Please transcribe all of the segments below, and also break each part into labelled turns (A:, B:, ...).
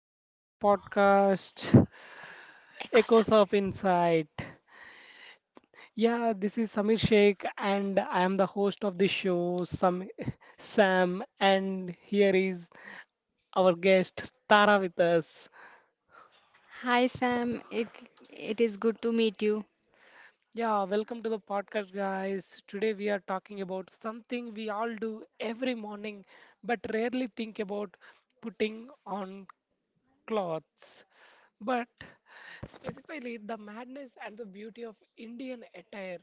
A: Welcome to our podcast, Echoes of Insight. Yeah, this is Samir Sheikh, and I am the host of this show, Sam, Sam, and here is our guest, Tara, with us.
B: Hi Sam, it is good to meet you.
A: Yeah, welcome to the podcast, guys. Today we are talking about something we all do every morning but rarely think about putting on cloths, but specifically the madness and the beauty of Indian attire.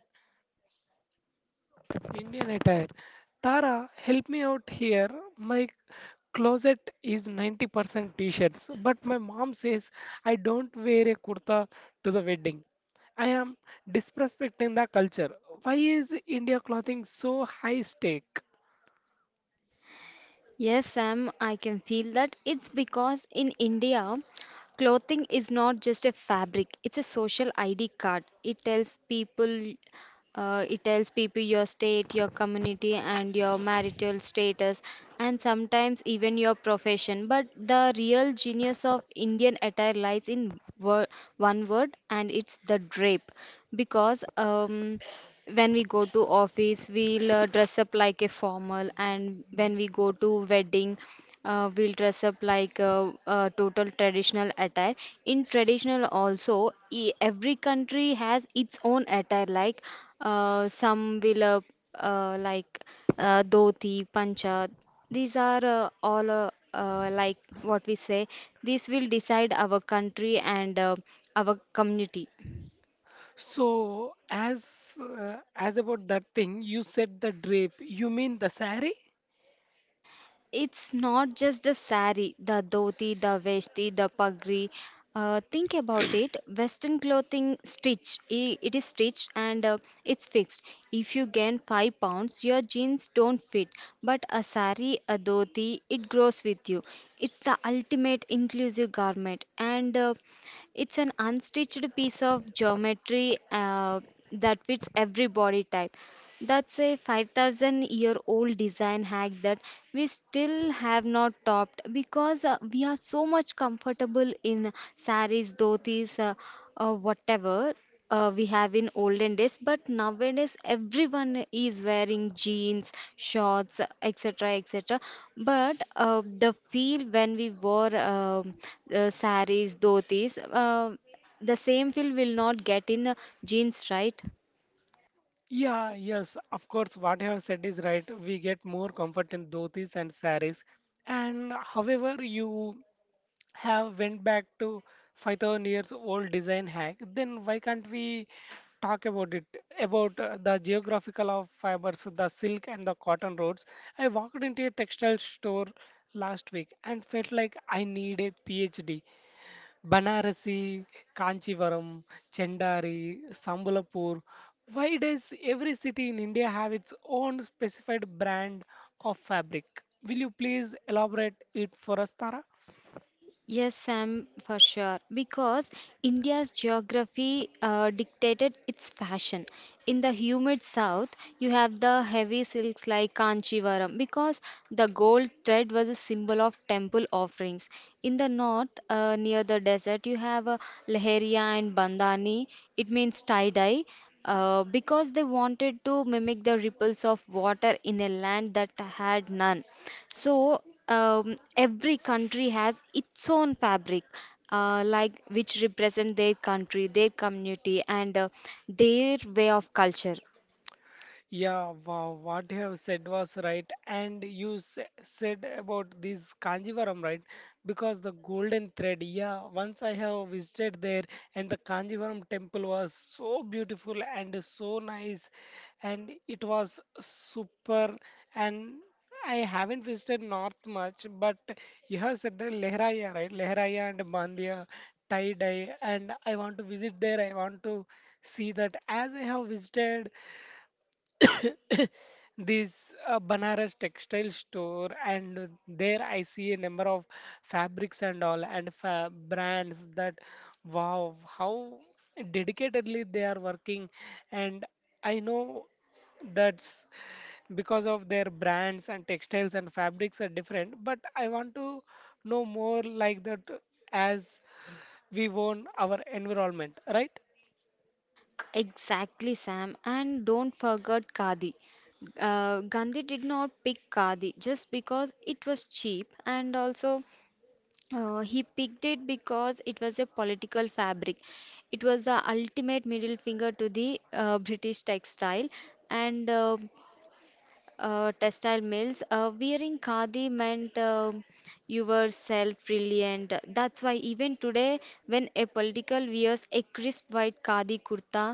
A: Indian attire. Tara, help me out here. My closet is 90% t-shirts, but my mom says I don't wear a kurta to the wedding. I am disrespecting the culture. Why is India clothing so high stake?
B: Yes, Sam, I can feel that. It's because in India, clothing is not just a fabric, it's a social ID card. It tells people your state, your community, and your marital status, and sometimes even your profession. But the real genius of Indian attire lies in one word, and it's the drape. Because when we go to office we'll dress up like a formal, and when we go to wedding we'll dress up like a, total traditional attire. In traditional also, every country has its own attire, like some will like dhoti pancha. These are all uh, like what we say. This will decide our country and our community.
A: So, as about that thing, you said the drape. You mean the sari?
B: It's not just the sari, the dhoti, the veshti, the pagri. Think about it. Western clothing stitch. It is stitched and it's fixed. If you gain 5 pounds, your jeans don't fit. But a sari, a dhoti, it grows with you. It's the ultimate inclusive garment. And it's an unstitched piece of geometry that fits every body type. That's a 5,000 year old design hack that we still have not topped, because we are so much comfortable in saris, dhotis, whatever we have in olden days, but nowadays everyone is wearing jeans, shorts, etc, etc. But the feel when we wore saris, dhotis, the same feel will not get in jeans, right?
A: Yeah, yes, of course, what you have said is right. We get more comfort in dhotis and saris. And however, you have went back to 5,000 years old design hack, then why can't we talk about it? About the geographical of fibers, the silk and the cotton roads. I walked into a textile store last week and felt like I need a PhD. Banarasi, Kanchivaram, Chendari, Sambalapur. Why does every city in India have its own specified brand of fabric? Will you please elaborate it for us, Tara?
B: Yes, Sam, for sure. Because India's geography dictated its fashion. In the humid south, you have the heavy silks like Kanchivaram, because the gold thread was a symbol of temple offerings. In the north, near the desert, you have a Leheria and Bandhani. It means tie-dye, because they wanted to mimic the ripples of water in a land that had none. So every country has its own fabric, like which represent their country, their community, and their way of culture.
A: Yeah, wow, what you have said was right, and you said about this Kanjivaram, right? Because the golden thread, yeah, once I have visited there, and the Kanjivaram temple was so beautiful and so nice, and it was super. And I haven't visited north much, but you have said the Lehraya, right? Lehraya and Mandya, tie dye, and I want to visit there. I want to see that, as I have visited this Banaras textile store, and there I see a number of fabrics and all, and fa brands that, wow, how dedicatedly they are working. And I know that's because of their brands, and textiles and fabrics are different, but I want to know more like that, as we own our environment, right?
B: Exactly, Sam. And don't forget Khadi. Gandhi did not pick Khadi just because it was cheap, and also he picked it because it was a political fabric. It was the ultimate middle finger to the British textile, and textile mills. Uh, wearing khadi meant you were self-reliant. That's why even today, when a political wears a crisp white khadi kurta,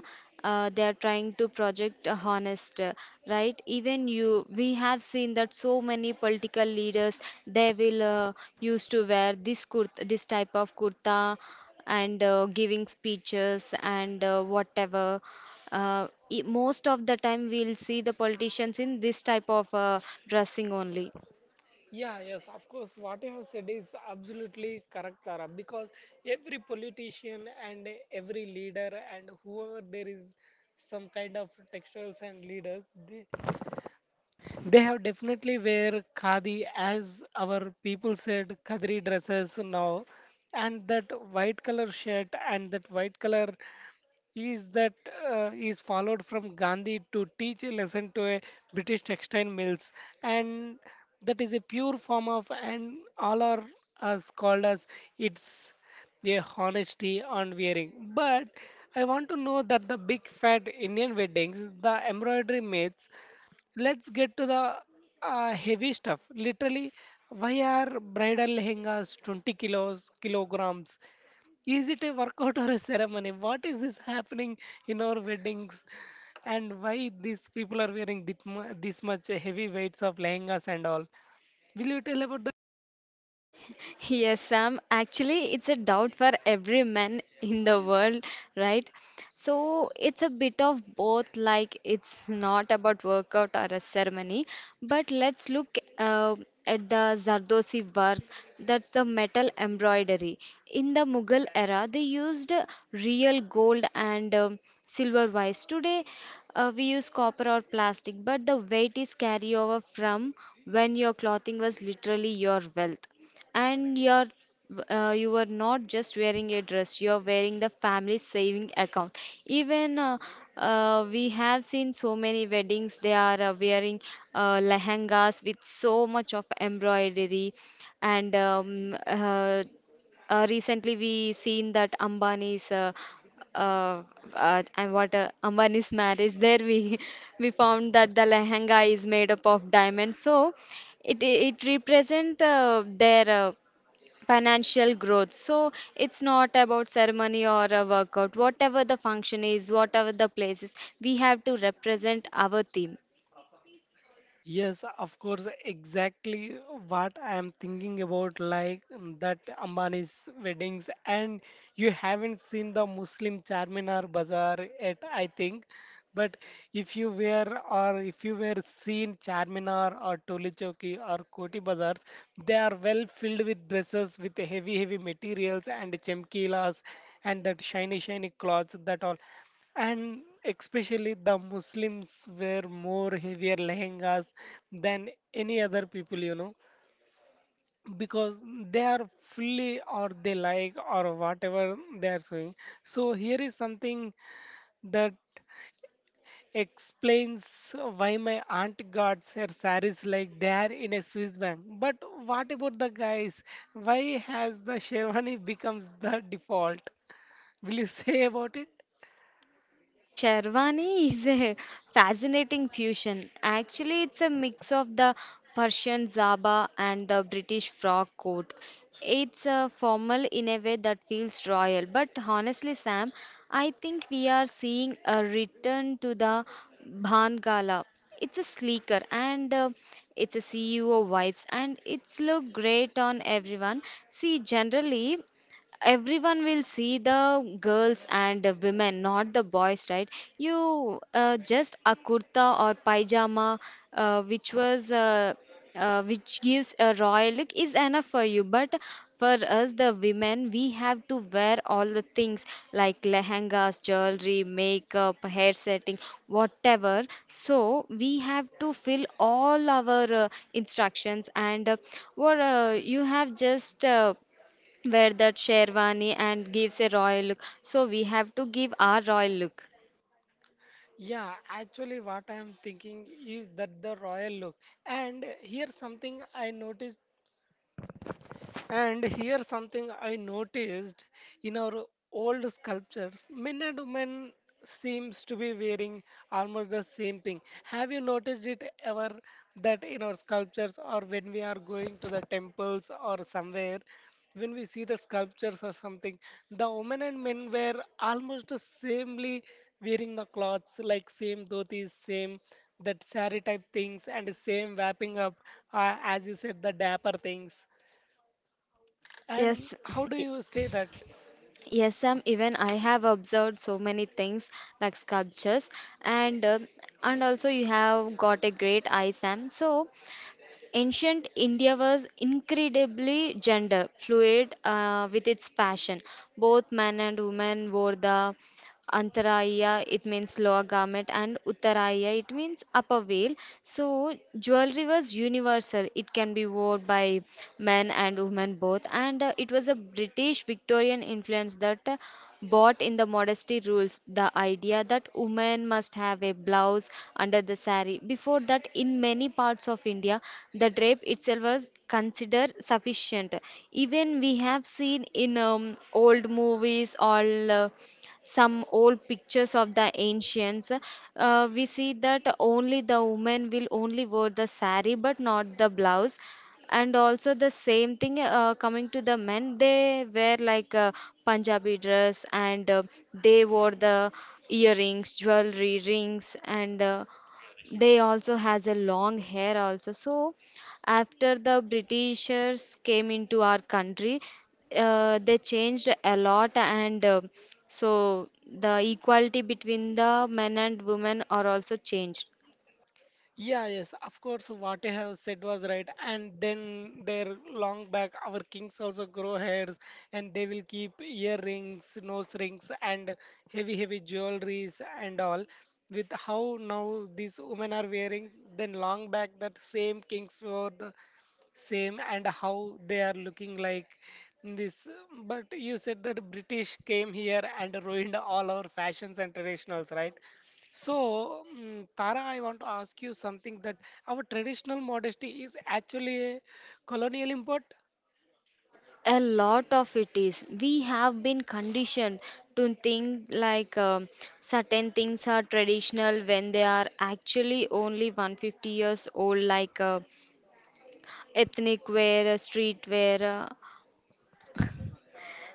B: they are trying to project a honest, right? Even you, we have seen that so many political leaders, they will used to wear this kurta, this type of kurta, and giving speeches and whatever. Most of the time, we'll see the politicians in this type of dressing only.
A: Yeah, yes, of course. What you have said is absolutely correct, Tara, because every politician and every leader and whoever, there is some kind of textiles and leaders, they have definitely wear khadi, as our people said khadri dresses now, and that white color shirt and that white color is that, is followed from Gandhi to teach a lesson to a British textile mills. And that is a pure form of, and all are as called as, it's a honesty on wearing. But I want to know that the big fat Indian weddings, the embroidery myths, let's get to the heavy stuff. Literally, why are bridal lehengas 20 kilos, kilograms? Is it a workout or a ceremony? What is this happening in our weddings? And why these people are wearing this, this much heavy weights of lehengas and all? Will you tell about?
B: Yes, Sam. Actually, it's a doubt for every man in the world, right? So it's a bit of both, like it's not about workout or a ceremony, but let's look at the Zardosi work, that's the metal embroidery. In the Mughal era, they used real gold and silver wise. Today, we use copper or plastic, but the weight is carry over from when your clothing was literally your wealth, and you are not just wearing a dress, you are wearing the family saving account. Even we have seen so many weddings, they are wearing lehengas with so much of embroidery. And recently we seen that Ambani's uh, and what Ambani's marriage, there we we found that the lehenga is made up of diamonds. So it represent their financial growth. So it's not about ceremony or a workout. Whatever the function is, whatever the place is, we have to represent our theme.
A: Yes, of course, exactly what I am thinking about, like, that Ambani's weddings. And you haven't seen the Muslim Charminar Bazaar yet, I think. But if you were, or if you were seen Charminar or Toli Chowki or Koti Bazaars, they are well filled with dresses with heavy, heavy materials and chemkilas and that shiny, shiny clothes that all. And especially the Muslims wear more heavier lehengas than any other people, you know, because they are fully or they like or whatever they are showing. So here is something that explains why my aunt got her saris like they are in a Swiss bank. But what about the guys? Why has the Sherwani becomes the default? Will you say about it?
B: Sherwani is a fascinating fusion. Actually, it's a mix of the Persian zaba and the British frock coat. It's a formal in a way that feels royal. But honestly, Sam, I think we are seeing a return to the Bhangala. It's a sleeker and it's a CEO vibes, and it's look great on everyone. See, generally, everyone will see the girls and the women, not the boys, right? You just a kurta or pajama, uh, which was uh, which gives a royal look, is enough for you. But for us, the women, we have to wear all the things, like lehengas, jewelry, makeup, hair setting, whatever. So we have to fill all our instructions, and what you have just wear that sherwani and gives a royal look. So we have to give our royal look.
A: Yeah, actually, what I am thinking is that the royal look. And here's something I noticed, and here something I noticed in our old sculptures, men and women seems to be wearing almost the same thing. Have you noticed it ever, that in our sculptures or when we are going to the temples or somewhere, when we see the sculptures or something, the women and men were almost the samely wearing the clothes, like same dhotis, same that sari type things, and same wrapping up, as you said, the dapper things.
B: Yes,
A: And how do
B: i-
A: you say that?
B: yes, Sam. Even I have observed so many things like sculptures, and uh, and also you have got a great eye, Sam. So ancient India was incredibly gender fluid with its fashion. Both men and women wore the Antaraya, it means lower garment, and Uttaraya, it means upper veil. So, jewelry was universal. It can be worn by men and women both. And it was a British Victorian influence that bought in the modesty rules, the idea that women must have a blouse under the sari. Before that, in many parts of India, the drape itself was considered sufficient. Even we have seen in old movies, all. Some old pictures of the ancients, we see that only the women will only wear the sari but not the blouse. And also the same thing, coming to the men, they wear like a Punjabi dress, and they wore the earrings, jewelry, rings, and they also has a long hair also. So after the britishers came into our country, they changed a lot, and so the equality between the men and women are also changed.
A: Yeah, yes, of course, what I have said was right. And then their long back, our kings also grow hairs, and they will keep earrings, nose rings, and heavy, heavy jewelries and all. With how now these women are wearing, then long back that same kings wore the same, and how they are looking like this. But you said that british came here and ruined all our fashions and traditionals, right? So, Tara, I want to ask you something, that our traditional modesty is actually a colonial import.
B: A lot of it is we have been conditioned to think like certain things are traditional when they are actually only 150 years old, like ethnic wear, street wear.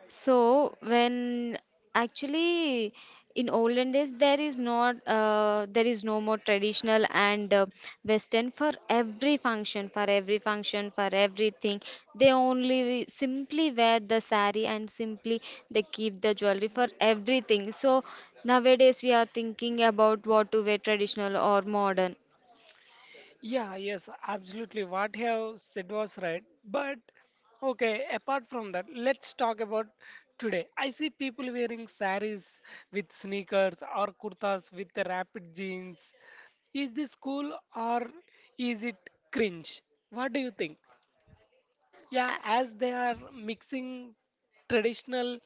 B: So when actually in olden days there is not there is no more traditional and western. For every function, for everything, they only simply wear the sari, and simply they keep the jewelry for everything. So nowadays we are thinking about what to wear, traditional or modern.
A: Yeah, yes, absolutely. What you have said was right. But okay, apart from that, let's talk about today. I see people wearing saris with sneakers or kurtas with the rapid jeans. Is this cool or is it cringe? What do you think? Yeah, as they are mixing traditional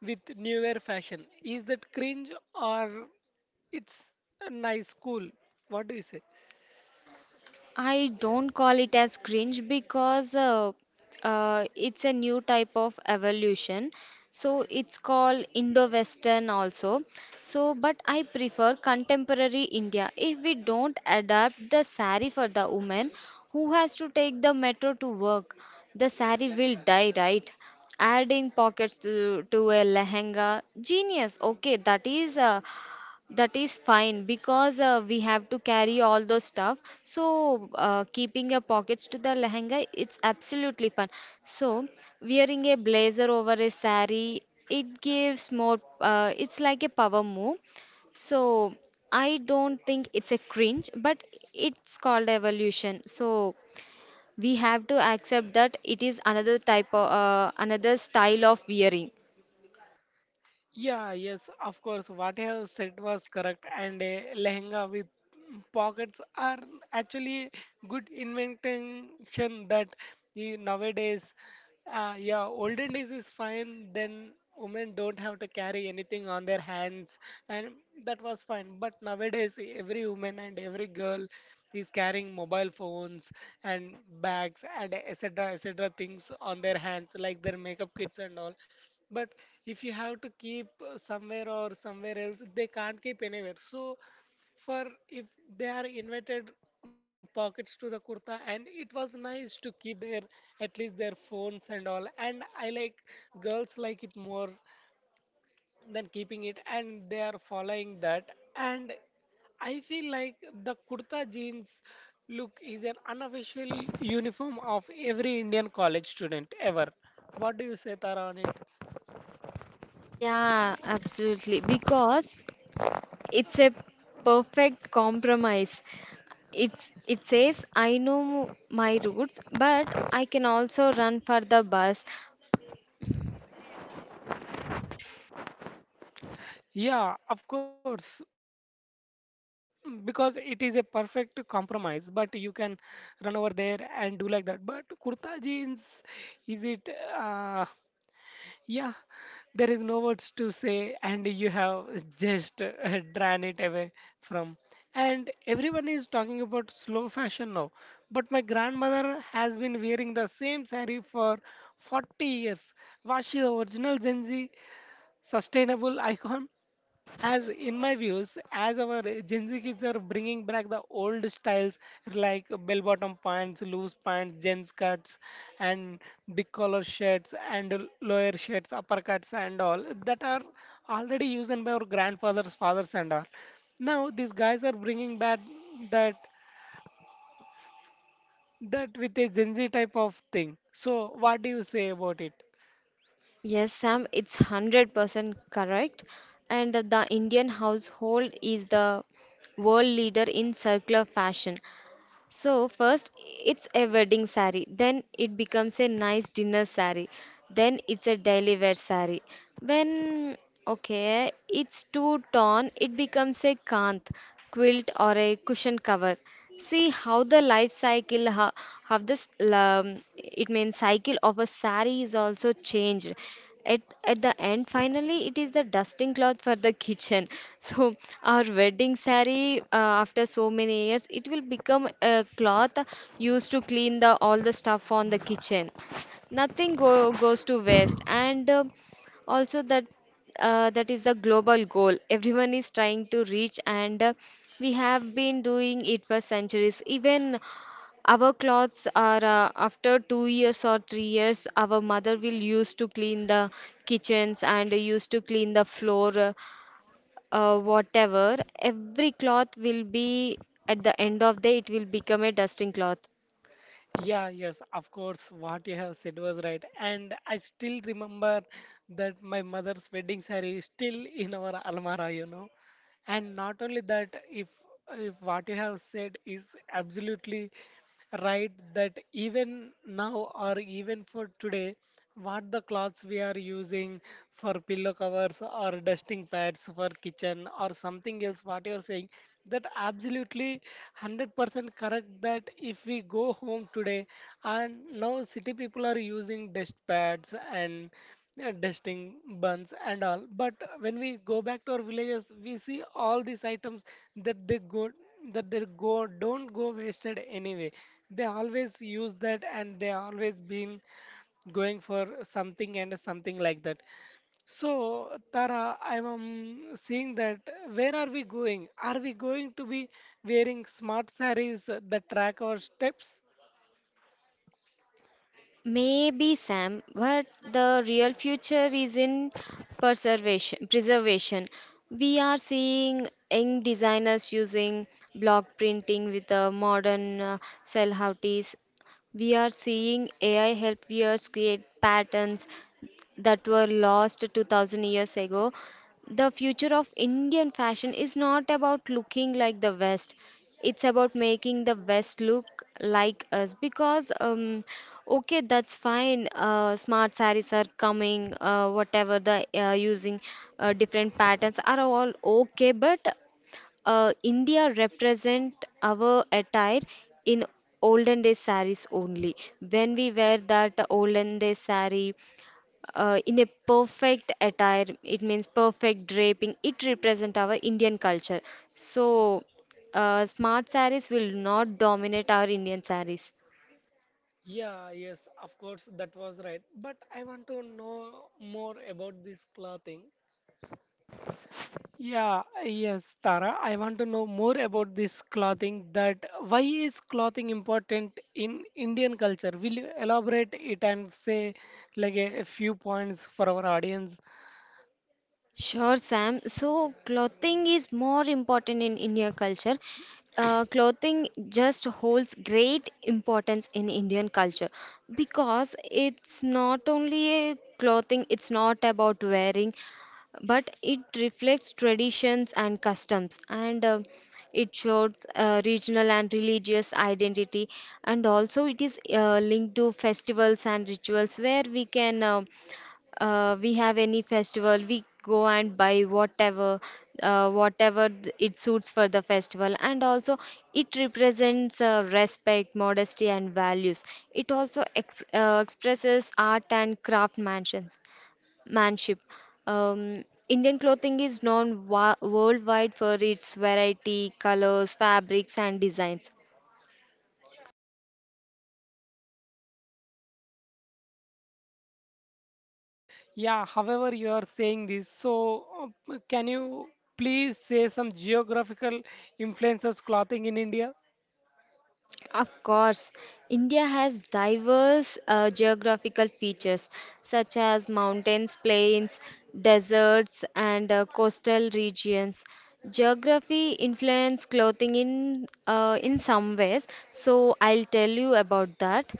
A: with newer fashion, is that cringe or it's a nice cool? What do you say?
B: I don't call it as cringe because it's a new type of evolution. So it's called Indo-Western also. So, but I prefer contemporary India. If we don't adapt the sari for the woman who has to take the metro to work, the sari will die, right? Adding pockets to a lehenga, genius. Okay, that is fine, because we have to carry all those stuff. So, keeping your pockets to the lehenga, it's absolutely fun. So, wearing a blazer over a sari, it gives more, it's like a power move. So, I don't think it's a cringe, but it's called evolution. So, we have to accept that it is another type of, another style of wearing.
A: Yeah, yes, of course. What I have said was correct, and a lehenga with pockets are actually good invention. That the nowadays, yeah, olden days is fine. Then women don't have to carry anything on their hands, and that was fine. But nowadays, every woman and every girl is carrying mobile phones and bags and etc. etc. things on their hands, like their makeup kits and all. But if you have to keep somewhere or somewhere else, they can't keep anywhere. So, for if they are invited pockets to the kurta, and it was nice to keep their at least their phones and all. And I like girls like it more than keeping it, and they are following that. And I feel like the kurta jeans look is an unofficial uniform of every Indian college student ever. What do you say, Tara, on it?
B: Yeah, absolutely. Because it's a perfect compromise. It says, I know my roots, but I can also run for the bus.
A: Yeah, of course, because it is a perfect compromise, but you can run over there and do like that. But kurta jeans, is it, uh, yeah, there is no words to say, and you have just drawn it away from. And everyone is talking about slow fashion now, but my grandmother has been wearing the same saree for 40 years. Was she the original Gen Z sustainable icon? As in my views, as our gen z kids are bringing back the old styles like bell bottom pants, loose pants, jeans cuts, and big collar shirts and lower shirts, uppercuts and all, that are already used by our grandfathers, fathers and all. Now these guys are bringing back that that with a gen z type of thing. So what do you say about it?
B: Yes, Sam, it's 100% correct. And the Indian household is the world leader in circular fashion. So first it's a wedding sari, then it becomes a nice dinner sari, then it's a daily wear sari. When okay, it's too torn, it becomes a kanth, quilt or a cushion cover. See how the life cycle, how this it means cycle of a sari is also changed. At the end finally it is the dusting cloth for the kitchen. So our wedding saree, after so many years it will become a cloth used to clean the all the stuff on the kitchen. Nothing goes to waste. And also that that is the global goal everyone is trying to reach. And we have been doing it for centuries. Even our clothes are after 2 years or 3 years, our mother will used to clean the kitchens and used to clean the floor, whatever. Every cloth will be at the end of the it will become a dusting cloth.
A: Yeah, yes, of course, what you have said was right. And I still remember that my mother's wedding saree is still in our almara, you know. And not only that, if what you have said is absolutely right, that even now or even for today, what the cloths we are using for pillow covers or dusting pads for kitchen or something else, what you are saying, that absolutely 100% correct, that if we go home today, and now city people are using dust pads and dusting buns and all, but when we go back to our villages, we see all these items that they go, that they go don't go wasted anyway. They always use that, and they always been going for something and something like that. So, Tara, I'm seeing that, where are we going? Are we going to be wearing smart sarees that track our steps?
B: Maybe, Sam, but the real future is in preservation. Preservation. We are seeing young designers using block printing with the modern cell houties. We are seeing AI help viewers create patterns that were lost 2000 years ago. The future of Indian fashion is not about looking like the West. It's about making the West look like us. Because, okay, that's fine. Smart saris are coming, whatever the using different patterns are all okay, but India represent our attire in olden days saris only. When we wear that olden days saree, in a perfect attire it means perfect draping. It represent our Indian culture, so smart saris will not dominate our Indian saris.
A: Yeah, yes, of course, that was right. But I want to know more about this clothing. Yeah, yes, Tara. I want to know more about this clothing. That why is clothing important in Indian culture? Will you elaborate it and say like a few points for our audience?
B: Sure, Sam. So, clothing is more important in Indian culture. Clothing just holds great importance in Indian culture because it's not only a clothing, it's not about wearing, but it reflects traditions and customs, and it shows regional and religious identity. And also it is linked to festivals and rituals where we can we have any festival, we go and buy whatever it suits for the festival. And also it represents respect, modesty, and values. It also expresses art and craftsmanship manship Indian clothing is known worldwide for its variety, colors, fabrics, and designs.
A: Yeah, however you are saying this, so can you please say some geographical influences clothing in India?
B: Of course, India has diverse geographical features such as mountains, plains, deserts, and coastal regions. Geography influence clothing in some ways, so I'll tell you about that.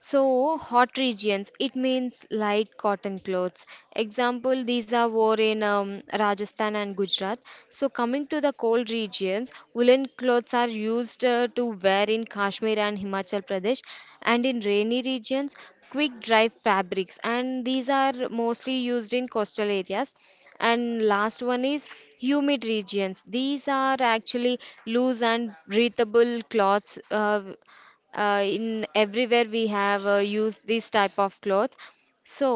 B: So, hot regions, it means light cotton clothes. Example, these are wore in Rajasthan and Gujarat. So, coming to the cold regions, woolen clothes are used to wear in Kashmir and Himachal Pradesh. And in rainy regions, quick dry fabrics. And these are mostly used in coastal areas. And last one is humid regions. These are actually loose and breathable cloths. In everywhere we have used this type of clothes. So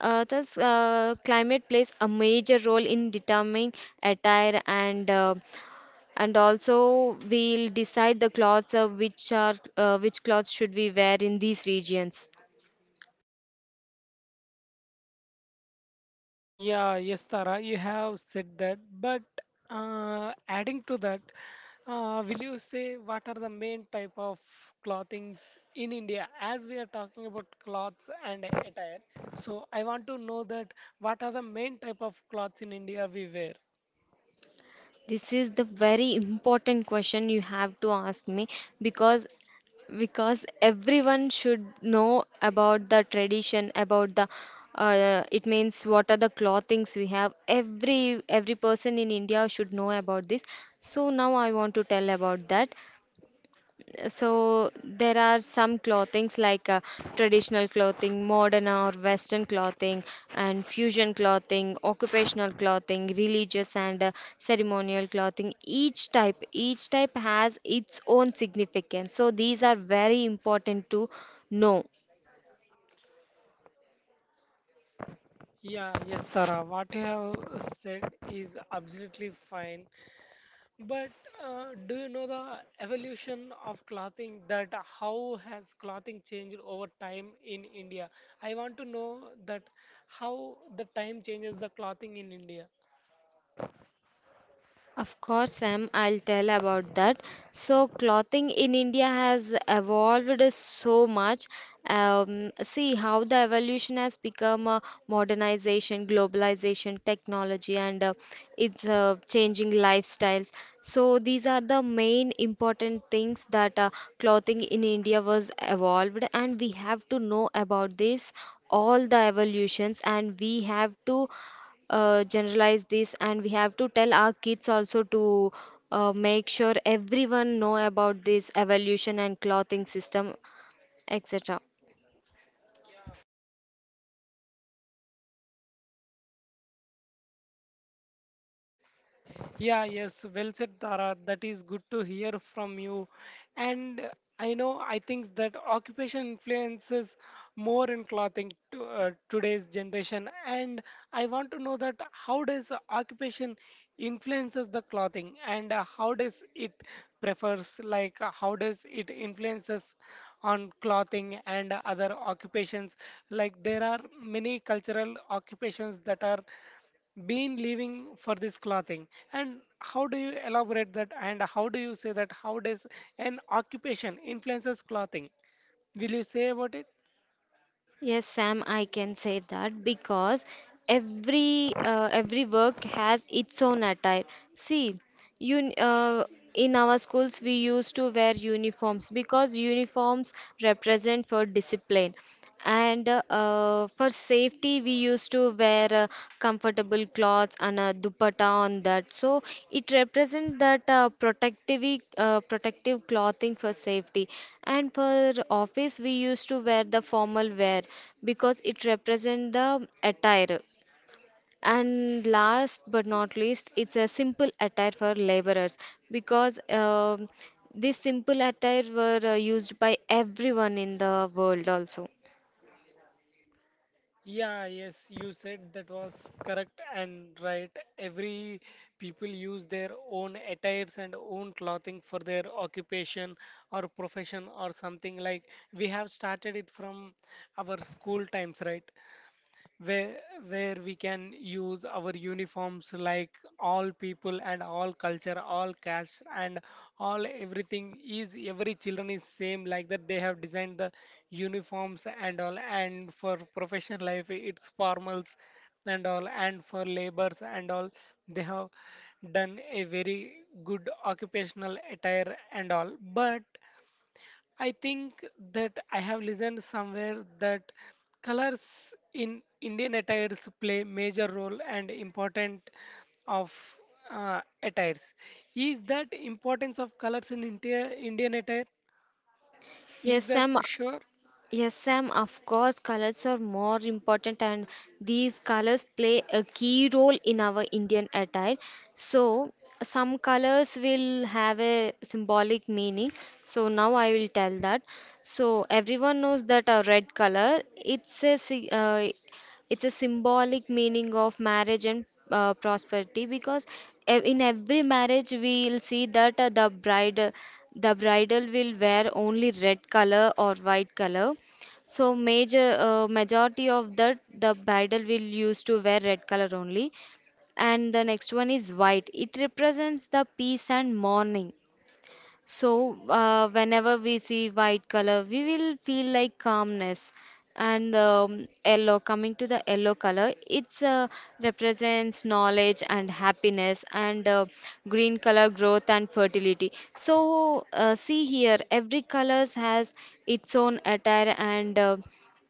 B: thus climate plays a major role in determining attire. And and also we'll decide the clothes which clothes should we wear in these regions.
A: Yeah, yes, Tara, you have said that. But adding to that, will you say what are the main type of clothings in India? As we are talking about clothes and attire, so I want to know that what are the main type of clothes in India we wear?
B: This is the very important question you have to ask me because everyone should know about the tradition, about the it means what are the clothings we have. Every person in India should know about this. So now I want to tell about that. So there are some clothings like traditional clothing, modern or Western clothing, and fusion clothing, occupational clothing, religious and ceremonial clothing. Each type has its own significance. So these are very important to know.
A: Yeah, yes, Tara, what you have said is absolutely fine. But do you know the evolution of clothing, that how has clothing changed over time in India? I want to know that how the time changes the clothing in India.
B: Of course, Sam, I'll tell about that. So, clothing in India has evolved so much. See how the evolution has become, modernization, globalization, technology, and it's changing lifestyles. So, these are the main important things that clothing in India was evolved, and we have to know about this, all the evolutions. And we have to generalize this, and we have to tell our kids also to make sure everyone know about this evolution and clothing system, etc.
A: Yeah, yes, well said, Tara. That is good to hear from you. And I know, I think that occupation influences more in clothing to today's generation. And I want to know that how does occupation influences the clothing, and how does it prefers, like how does it influences on clothing and other occupations? Like there are many cultural occupations that are been living for this clothing. And how do you elaborate that, and how do you say that how does an occupation influences clothing? Will you say about it?
B: Yes, Sam, I can say that because every work has its own attire. See, you in our schools we used to wear uniforms because uniforms represent for discipline. And for safety, we used to wear comfortable clothes and a dupatta on that. So it represents that protective clothing for safety. And for office, we used to wear the formal wear because it represents the attire. And last but not least, it's a simple attire for laborers because this simple attire were used by everyone in the world also.
A: Yeah, yes, you said that was correct and right. Every people use their own attires and own clothing for their occupation or profession or something. Like we have started it from our school times, right? where where we can use our uniforms, like all people and all culture, all caste and all, everything is, every children is same. Like that, they have designed the uniforms and all, and for professional life it's formals and all, and for labors and all, they have done a very good occupational attire and all. But I think that I have listened somewhere that colors in Indian attires play major role and important of attires. Is that importance of colors in India, Indian attire? Is
B: Yes,
A: that
B: Sam,
A: sure?
B: Yes, Sam, of course, colors are more important, and these colors play a key role in our Indian attire. So, some colors will have a symbolic meaning. So, now I will tell that. So, everyone knows that a red color, it's a symbolic meaning of marriage and prosperity, because in every marriage we'll see that the bridal will wear only red color or white color. So majority of that, the bridal will used to wear red color only. And the next one is white. It represents the peace and mourning. So, whenever we see white color, we will feel like calmness. And coming to the yellow color, it's represents knowledge and happiness, and green color growth and fertility. So, see here, every colors has its own attire and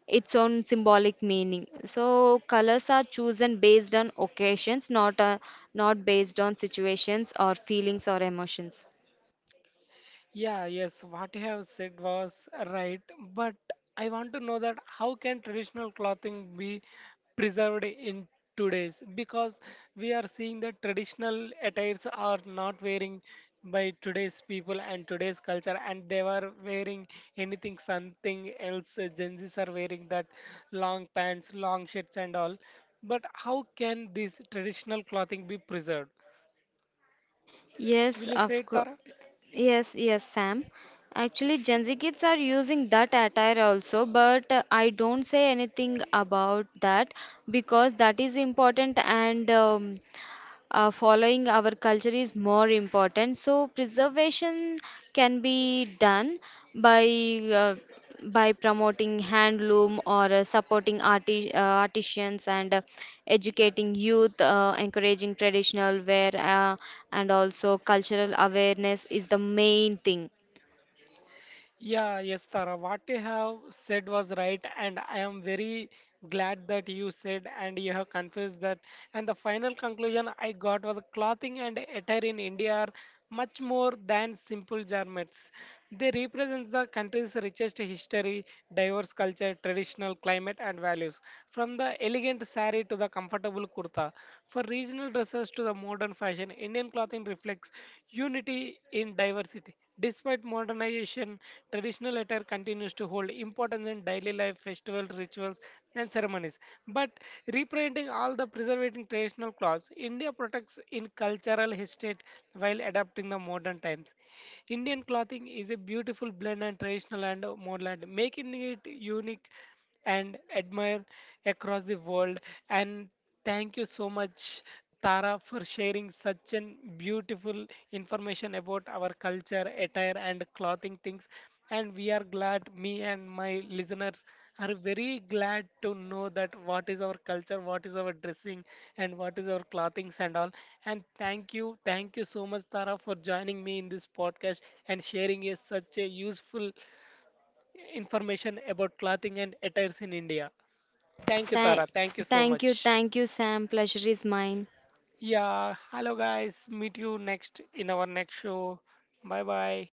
B: its own symbolic meaning. So, colors are chosen based on occasions, not based on situations or feelings or emotions.
A: Yeah, yes, what you have said was right, but I want to know that how can traditional clothing be preserved in today's? Because we are seeing that traditional attires are not wearing by today's people and today's culture, and they were wearing anything, something else. Gen Zs are wearing that long pants, long shirts, and all. But how can this traditional clothing be preserved? Will
B: Yes,
A: you
B: of
A: say it,
B: course.
A: Tara?
B: Yes, yes, Sam. Actually, Gen Z kids are using that attire also, but I don't say anything about that because that is important. And following our culture is more important. So preservation can be done by uh, promoting handloom, or artisans, and educating youth, encouraging traditional wear, and also cultural awareness is the main thing.
A: Yeah, yes, Tara. What you have said was right, and I am very glad that you said and you have confessed that. And the final conclusion I got was clothing and attire in India are much more than simple garments. They represent the country's richest history, diverse culture, traditional climate, and values. From the elegant sari to the comfortable kurta, for regional dresses to the modern fashion, Indian clothing reflects unity in diversity. Despite modernization, traditional attire continues to hold importance in daily life, festival rituals, and ceremonies. But reprinting all the preserving traditional clothes, India protects in cultural estate while adapting the modern times. Indian clothing is a beautiful blend and traditional and modern, making it unique and admired across the world. And thank you so much, Tara, for sharing such an beautiful information about our culture, attire, and clothing things. And we are glad, me and my listeners are very glad to know that what is our culture, what is our dressing, and what is our clothings and all. And thank you, thank you so much, Tara, for joining me in this podcast and sharing a, such a useful information about clothing and attires in India. Thank you,
B: Tha-
A: Tara. Thank you so
B: thank
A: much.
B: you, thank you, Sam. Pleasure is mine.
A: Yeah, hello guys, meet you next in our next show. Bye bye.